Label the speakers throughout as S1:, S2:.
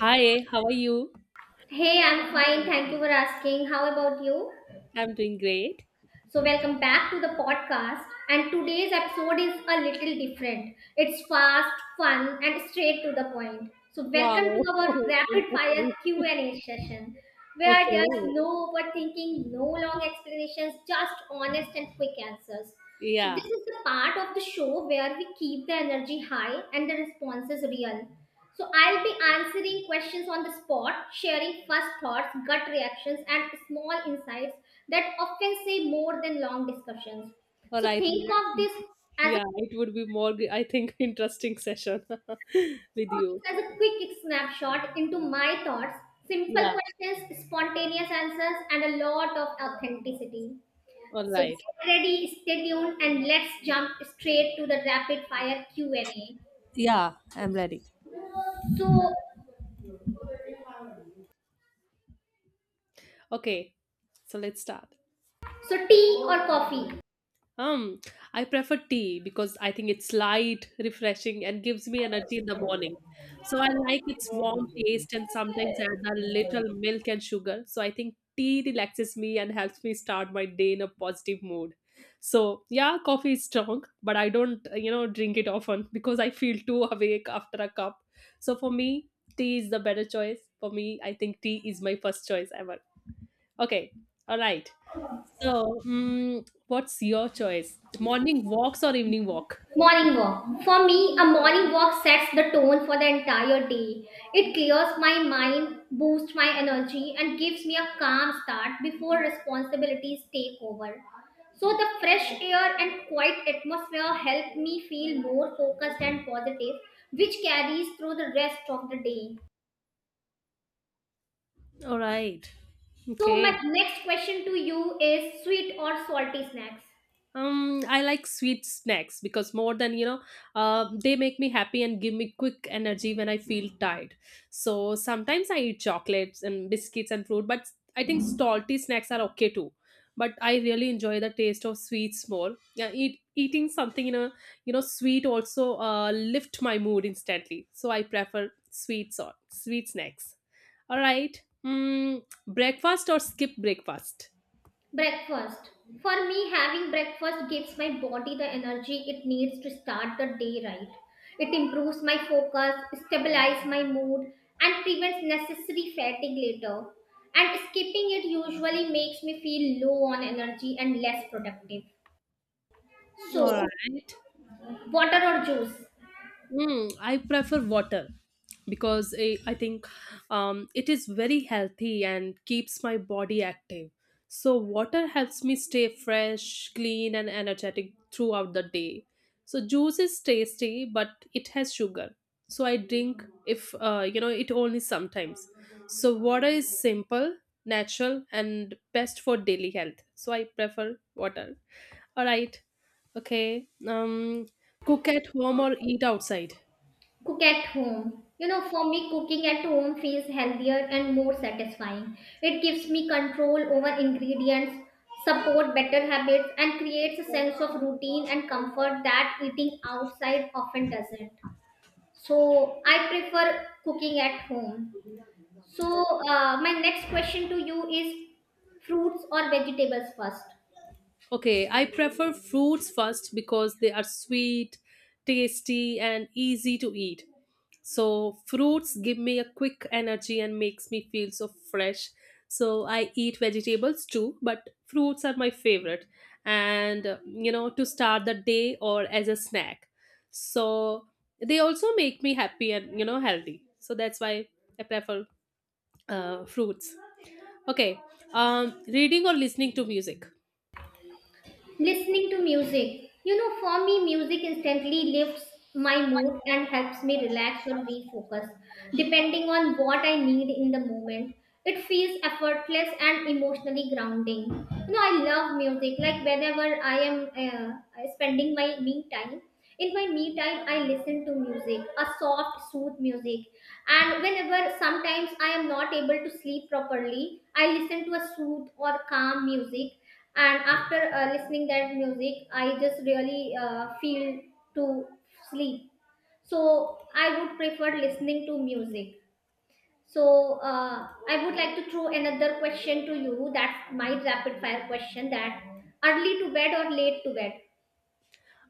S1: Hi, how are you?
S2: Hey, I'm fine. Thank you for asking. How about you?
S1: I'm doing great.
S2: So, welcome back to the podcast. And today's episode is a little different. It's fast, fun, and straight to the point. So, welcome
S1: Wow,
S2: to our rapid fire
S1: interesting.
S2: Q&A session, where there's
S1: Okay.
S2: no overthinking, no long explanations, just honest and quick answers. So this
S1: Yeah.
S2: is the part of the show where we keep the energy high and the responses real. So I'll be answering questions on the spot, sharing first thoughts, gut reactions, and small insights that often say more than long discussions.
S1: All
S2: So
S1: right.
S2: think of this as a,
S1: Yeah, it would be more, I think, interesting session with you.
S2: as a quick snapshot into my thoughts, simple
S1: Yeah.
S2: questions, spontaneous answers, and a lot of authenticity.
S1: All
S2: So
S1: right.
S2: get ready, stay tuned, and let's jump straight to the rapid fire Q&A.
S1: Yeah, I'm ready.
S2: So,
S1: Okay. So let's start.
S2: so, tea or coffee?
S1: Um, I prefer tea because I think it's light, refreshing, and gives me energy in the morning. So I like its warm taste and sometimes add a little milk and sugar. So I think tea relaxes me and helps me start my day in a positive mood. So yeah, coffee is strong, but I don't, drink it often because I feel too awake after a cup. So for me, tea is the better choice. For me, I think tea is my first choice ever. Okay. All right. So, what's your choice? Morning walks or evening walk?
S2: Morning walk. For me, a morning walk sets the tone for the entire day. It clears my mind, boosts my energy, and gives me a calm start before responsibilities take over. So, the fresh air and quiet atmosphere help me feel more focused and positive, which carries through the rest of the day.
S1: All right.
S2: So, my
S1: Okay.
S2: next question to you is sweet or salty snacks?
S1: I like sweet snacks because more than you know, they make me happy and give me quick energy when I feel tired. So sometimes I eat chocolates and biscuits and fruit, but I think salty snacks are okay too. But I really enjoy the taste of sweets more. Yeah, eating something in a sweet also lift my mood instantly. So I prefer sweets or sweet snacks. All right, breakfast or skip breakfast.
S2: Breakfast. For me, having breakfast gives my body the energy it needs to start the day right. It improves my focus, stabilizes my mood, and prevents necessary fatigue later. And skipping it usually makes me feel low on energy and less productive.
S1: All
S2: So,
S1: right.
S2: water or juice?
S1: I prefer water because I think it is very healthy and keeps my body active. So, water helps me stay fresh, clean, and energetic throughout the day. So, juice is tasty, but it has sugar. So, I drink if it only sometimes. So, water is simple, natural, and best for daily health. So, I prefer water. All right. Okay. Cook at home or eat outside.
S2: Cook at home. You know, for me, cooking at home feels healthier and more satisfying. It gives me control over ingredients, support better habits, and creates a sense of routine and comfort that eating outside often doesn't. So I prefer cooking at home. So, my next question to you is fruits or vegetables first.
S1: Okay, I prefer fruits first because they are sweet, tasty, and easy to eat. So fruits give me a quick energy and makes me feel so fresh. So I eat vegetables too, but fruits are my favorite and to start the day or as a snack. So they also make me happy and healthy. So that's why I prefer fruits. Okay. Reading or listening to music.
S2: Listening to music. You know, for me, music instantly lifts my mood and helps me relax or refocus, depending on what I need in the moment. It feels effortless and emotionally grounding. You know, I love music. Like whenever I am spending my me time, in my me time, I listen to music, a soft, sooth music. And whenever sometimes I am not able to sleep properly, I listen to a sooth or calm music. And after listening that music, I just really feel to sleep. So I would prefer listening to music. So, I would like to throw another question to you. That's my rapid fire question, that early to bed or late to bed?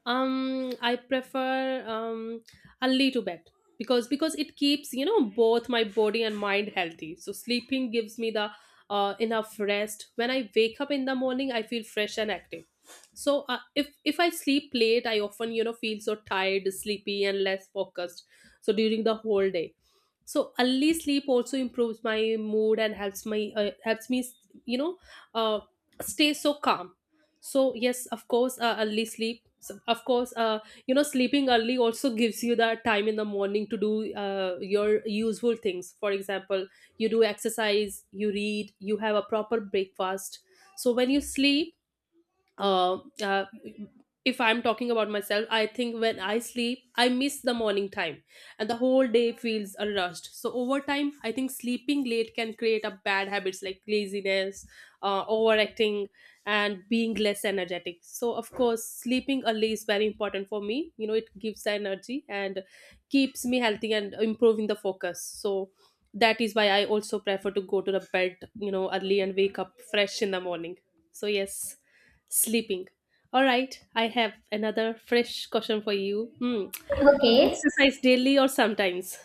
S1: I prefer early to bed because it keeps both my body and mind healthy. So sleeping gives me the enough rest. When I wake up in the morning, I feel fresh and active. So if I sleep late, I often feel so tired, sleepy, and less focused. So during the whole day, so early sleep also improves my mood and helps my helps me, you know uh, stay so calm. So yes, of course, early sleep, so of course, sleeping early also gives you the time in the morning to do your useful things. For example, you do exercise, you read, you have a proper breakfast. So when you sleep, uh, uh, if I'm talking about myself, I think when I sleep, I miss the morning time and the whole day feels a rushed. So, over time, I think sleeping late can create a bad habits like laziness, overacting, and being less energetic. So, of course, sleeping early is very important for me. You know, it gives the energy and keeps me healthy and improving the focus. So, that is why I also prefer to go to the bed, you know, early and wake up fresh in the morning. So, yes. Sleeping. All right, I have another fresh question for you. Hmm.
S2: Okay.
S1: Exercise daily or sometimes?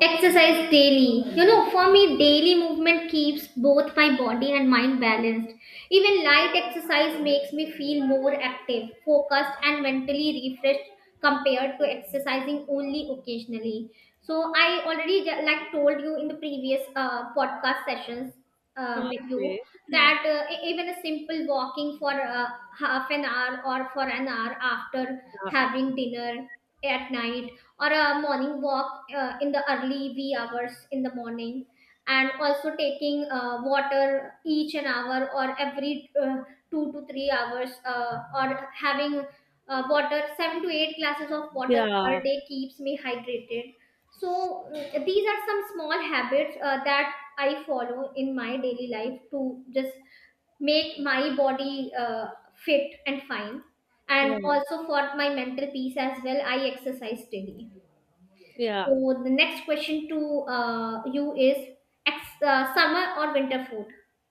S2: Exercise daily. You know, for me, daily movement keeps both my body and mind balanced. Even light exercise makes me feel more active, focused, and mentally refreshed compared to exercising only occasionally. So, I already like told you in the previous podcast sessions with
S1: Okay.
S2: you that even a simple walking for half an hour or for an hour after
S1: Yeah.
S2: having dinner at night, or a morning walk in the early wee hours in the morning, and also taking water each an hour or every 2 to 3 hours, or having water, 7 to 8 glasses of water per
S1: Yeah.
S2: day, keeps me hydrated. So these are some small habits that I follow in my daily life to just make my body fit and fine, and
S1: Yeah.
S2: also for my mental peace as well, I exercise daily.
S1: Yeah.
S2: So the next question to you is summer or winter food?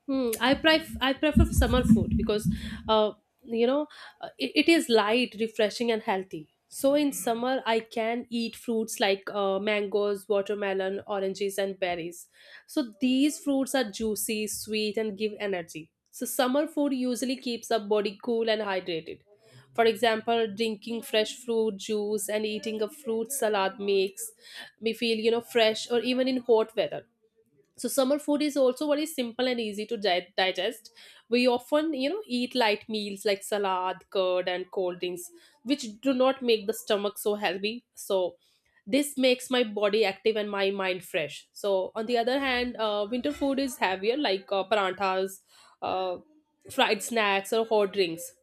S1: Hmm, I prefer summer food because, uh, you know, it is light, refreshing, and healthy. So in summer, I can eat fruits like mangoes, watermelon, oranges, and berries. So these fruits are juicy, sweet, and give energy. So summer food usually keeps our body cool and hydrated. For example, drinking fresh fruit juice and eating a fruit salad makes me feel, you know, fresh or even in hot weather. So summer food is also very simple and easy to digest. We often, you know, eat light meals like salad, curd, and cold drinks, which do not make the stomach so heavy. So this makes my body active and my mind fresh. So on the other hand, winter food is heavier, like paranthas, uh, fried snacks, or hot drinks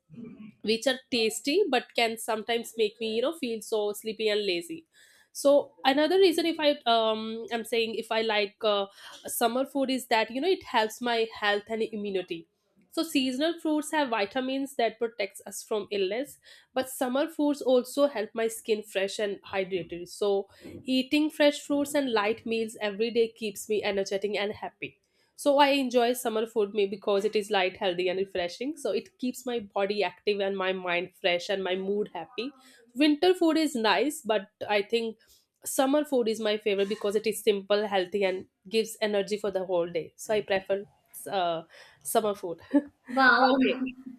S1: which are tasty but can sometimes make me feel so sleepy and lazy. So another reason if I'm saying if I like summer food is that you know it helps my health and immunity. So seasonal fruits have vitamins that protects us from illness, but summer foods also help my skin fresh and hydrated. So eating fresh fruits and light meals every day keeps me energetic and happy. So I enjoy summer food me because it is light, healthy, and refreshing. So it keeps my body active and my mind fresh and my mood happy. Winter food is nice, but I think summer food is my favorite because it is simple, healthy, and gives energy for the whole day. So I prefer uh, summer food.
S2: Wow.
S1: Okay.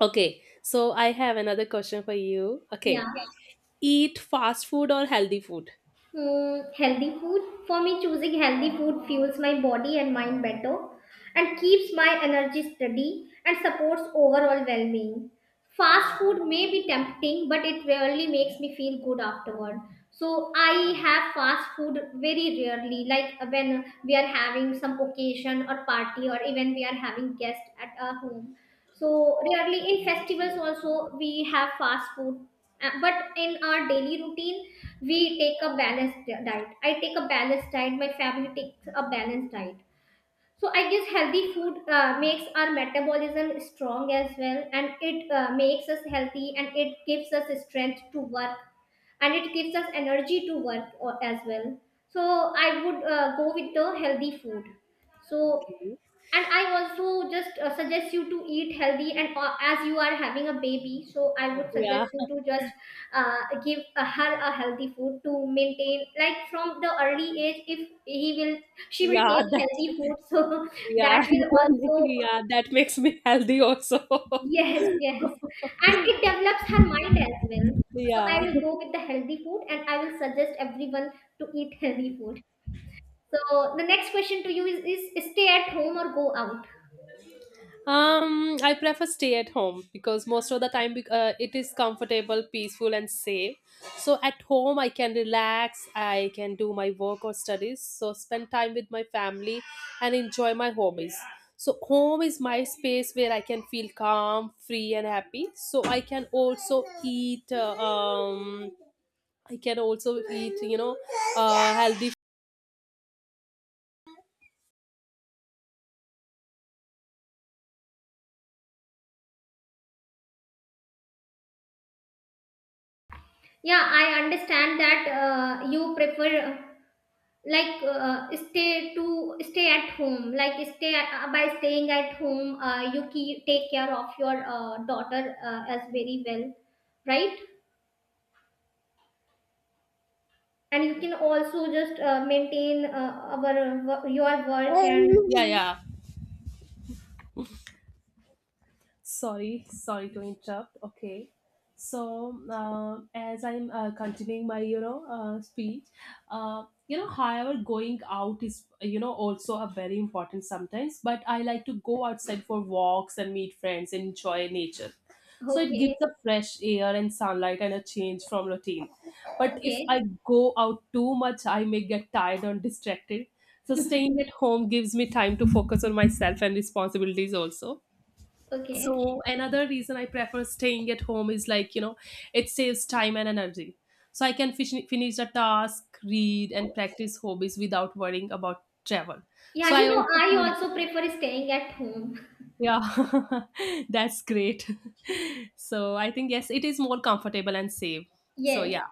S1: Okay. So I have another question for you. Okay.
S2: Yeah.
S1: Eat fast food or healthy food?
S2: Mm, healthy food. For me, choosing healthy food fuels my body and mind better, and keeps my energy steady and supports overall well being. Fast food may be tempting, but it rarely makes me feel good afterward. So I have fast food very rarely, like when we are having some occasion or party, or even we are having guests at our home. So rarely in festivals also we have fast food. But in our daily routine we take a diet. I take a balanced diet. My family takes a balanced diet. So I guess healthy food makes our metabolism strong as well, and it makes us healthy, and it gives us strength to work, and it gives us energy to as well. So I would go with the healthy food. So,
S1: Okay.
S2: and I also just suggest you to eat healthy. And as you are having a baby, so I would
S1: Yeah.
S2: suggest you to just give her a healthy food to maintain, like from the early age, if he will she will
S1: Yeah.
S2: take
S1: That,
S2: healthy food. So
S1: yeah.
S2: that will also,
S1: Yeah. That makes me healthy also.
S2: yes, yes, and it develops her mind as well. So I
S1: Yeah.
S2: will go with the healthy food, and I will suggest everyone to eat healthy food. So the next question to you is, stay at home or go out?
S1: I prefer stay at home because most of the time it is comfortable, peaceful, and safe. So at home I can relax, I can do my work or studies, so spend time with my family and enjoy my hobbies. So home is my space where I can feel calm, free, and happy. So I can also eat. I can also eat, you know, healthy.
S2: Yeah, I understand that you prefer stay at home. Like, stay by staying at home, you take care of your daughter as very well, right? And you can also just maintain your work and
S1: Yeah, yeah. Sorry, sorry to interrupt. Okay. So, as I'm continuing my, you know, speech, however, going out is, you know, also a very important sometimes, but I like to go outside for walks and meet friends and enjoy nature. So it
S2: okay,
S1: gives a fresh air and sunlight and a change from routine. But if I
S2: okay,
S1: go out too much, I may get tired or distracted. So staying at home gives me time to focus on myself and responsibilities also.
S2: okay.
S1: So another reason I prefer staying at home is like, you know, it saves time and energy. So I can finish a task, read and practice hobbies without worrying about travel. So
S2: Yeah,
S1: I
S2: you know,
S1: also
S2: I
S1: feel,
S2: also prefer staying at home.
S1: yeah, that's great. So I think yes, it is more comfortable and safe. So
S2: Yes.
S1: yeah,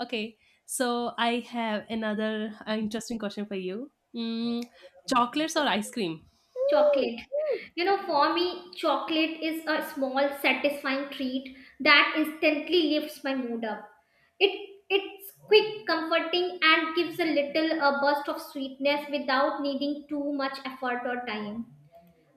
S1: okay. So I have another interesting question for you. Chocolates or ice cream?
S2: Chocolate. You know, for me, chocolate is a small, satisfying treat that instantly lifts my mood up. It's quick, comforting, and gives a little a burst of sweetness without needing too much effort or time.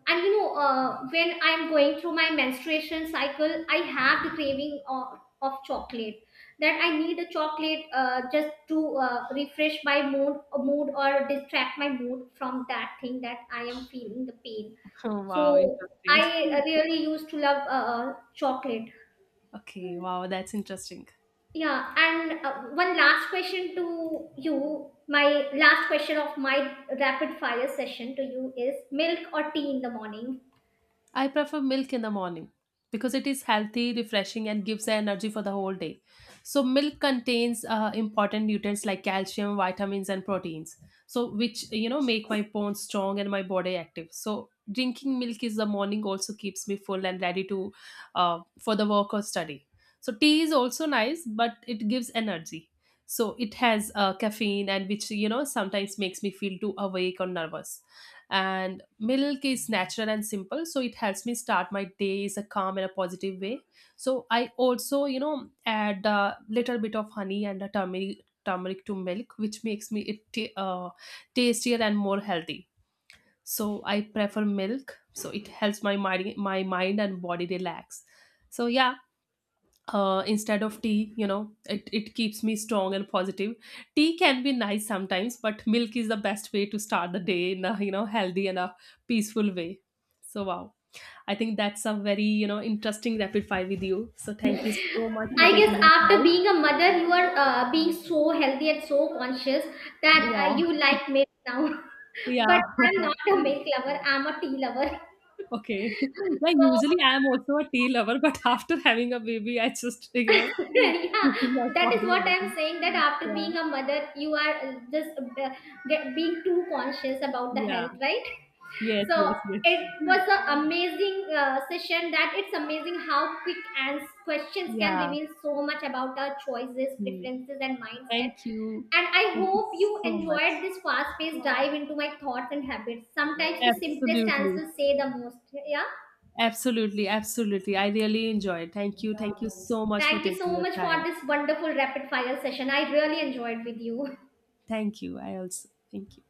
S2: And you know, when I'm going through my menstruation cycle, I have the craving of chocolate, that I need a chocolate, just to refresh my mood or distract my mood from that thing that I am feeling the pain.
S1: Oh, wow,
S2: So I
S1: interesting.
S2: really used to love chocolate.
S1: Okay, wow, that's interesting.
S2: Yeah. And one last question to you. My last question of my rapid fire session to you is milk or tea in the morning?
S1: I prefer milk in the morning because it is healthy, refreshing, and gives energy for the whole day. So, milk contains important nutrients like calcium, vitamins, and proteins, so which you know make my bones strong and my body active. So, drinking milk is the morning also keeps me full and ready to, for the work or study. So, tea is also nice, but it gives energy. So, it has caffeine and which you know sometimes makes me feel too awake or nervous. And milk is natural and simple, so it helps me start my day is a calm and a positive way. So I also you know add a little bit of honey and a turmeric to milk, which makes me it tastier and more healthy. So I prefer milk, so it helps my mind and body relax. So yeah, instead of tea, you know, it keeps me strong and positive. Tea can be nice sometimes, but milk is the best way to start the day in a you know healthy and a peaceful way. So wow, I think that's a very you know interesting rapid fire with you. So thank you so much for
S2: I guess
S1: taking the
S2: after
S1: time.
S2: being a mother, you are being so healthy and so conscious that
S1: Yeah.
S2: you like milk now.
S1: Yeah.
S2: But I'm not a milk lover, I'm a tea lover.
S1: Okay. Yeah,
S2: So,
S1: usually I am also a tea lover, but after having a baby I just you know
S2: yeah,
S1: my
S2: that is
S1: body
S2: what
S1: I
S2: I'm
S1: think.
S2: saying, that after
S1: Yeah.
S2: being a mother, you are being too conscious about the
S1: Yeah.
S2: health, right?
S1: Yes,
S2: So
S1: yes, yes.
S2: it was an amazing session. That it's amazing how quick and questions can
S1: Yeah.
S2: reveal so much about our choices,
S1: Hmm.
S2: preferences, and mindset.
S1: Thank you.
S2: And I
S1: Thank you
S2: hope you
S1: so much.
S2: enjoyed this fast-paced dive into my thoughts and habits. Sometimes the simplest
S1: Absolutely.
S2: answers say the most. Yeah.
S1: Absolutely. Absolutely. I really enjoyed. Thank you. Thank you so much for
S2: Thank you
S1: taking
S2: so
S1: your
S2: much for
S1: time.
S2: this wonderful rapid-fire session. I really enjoyed with you.
S1: Thank you. I also thank you.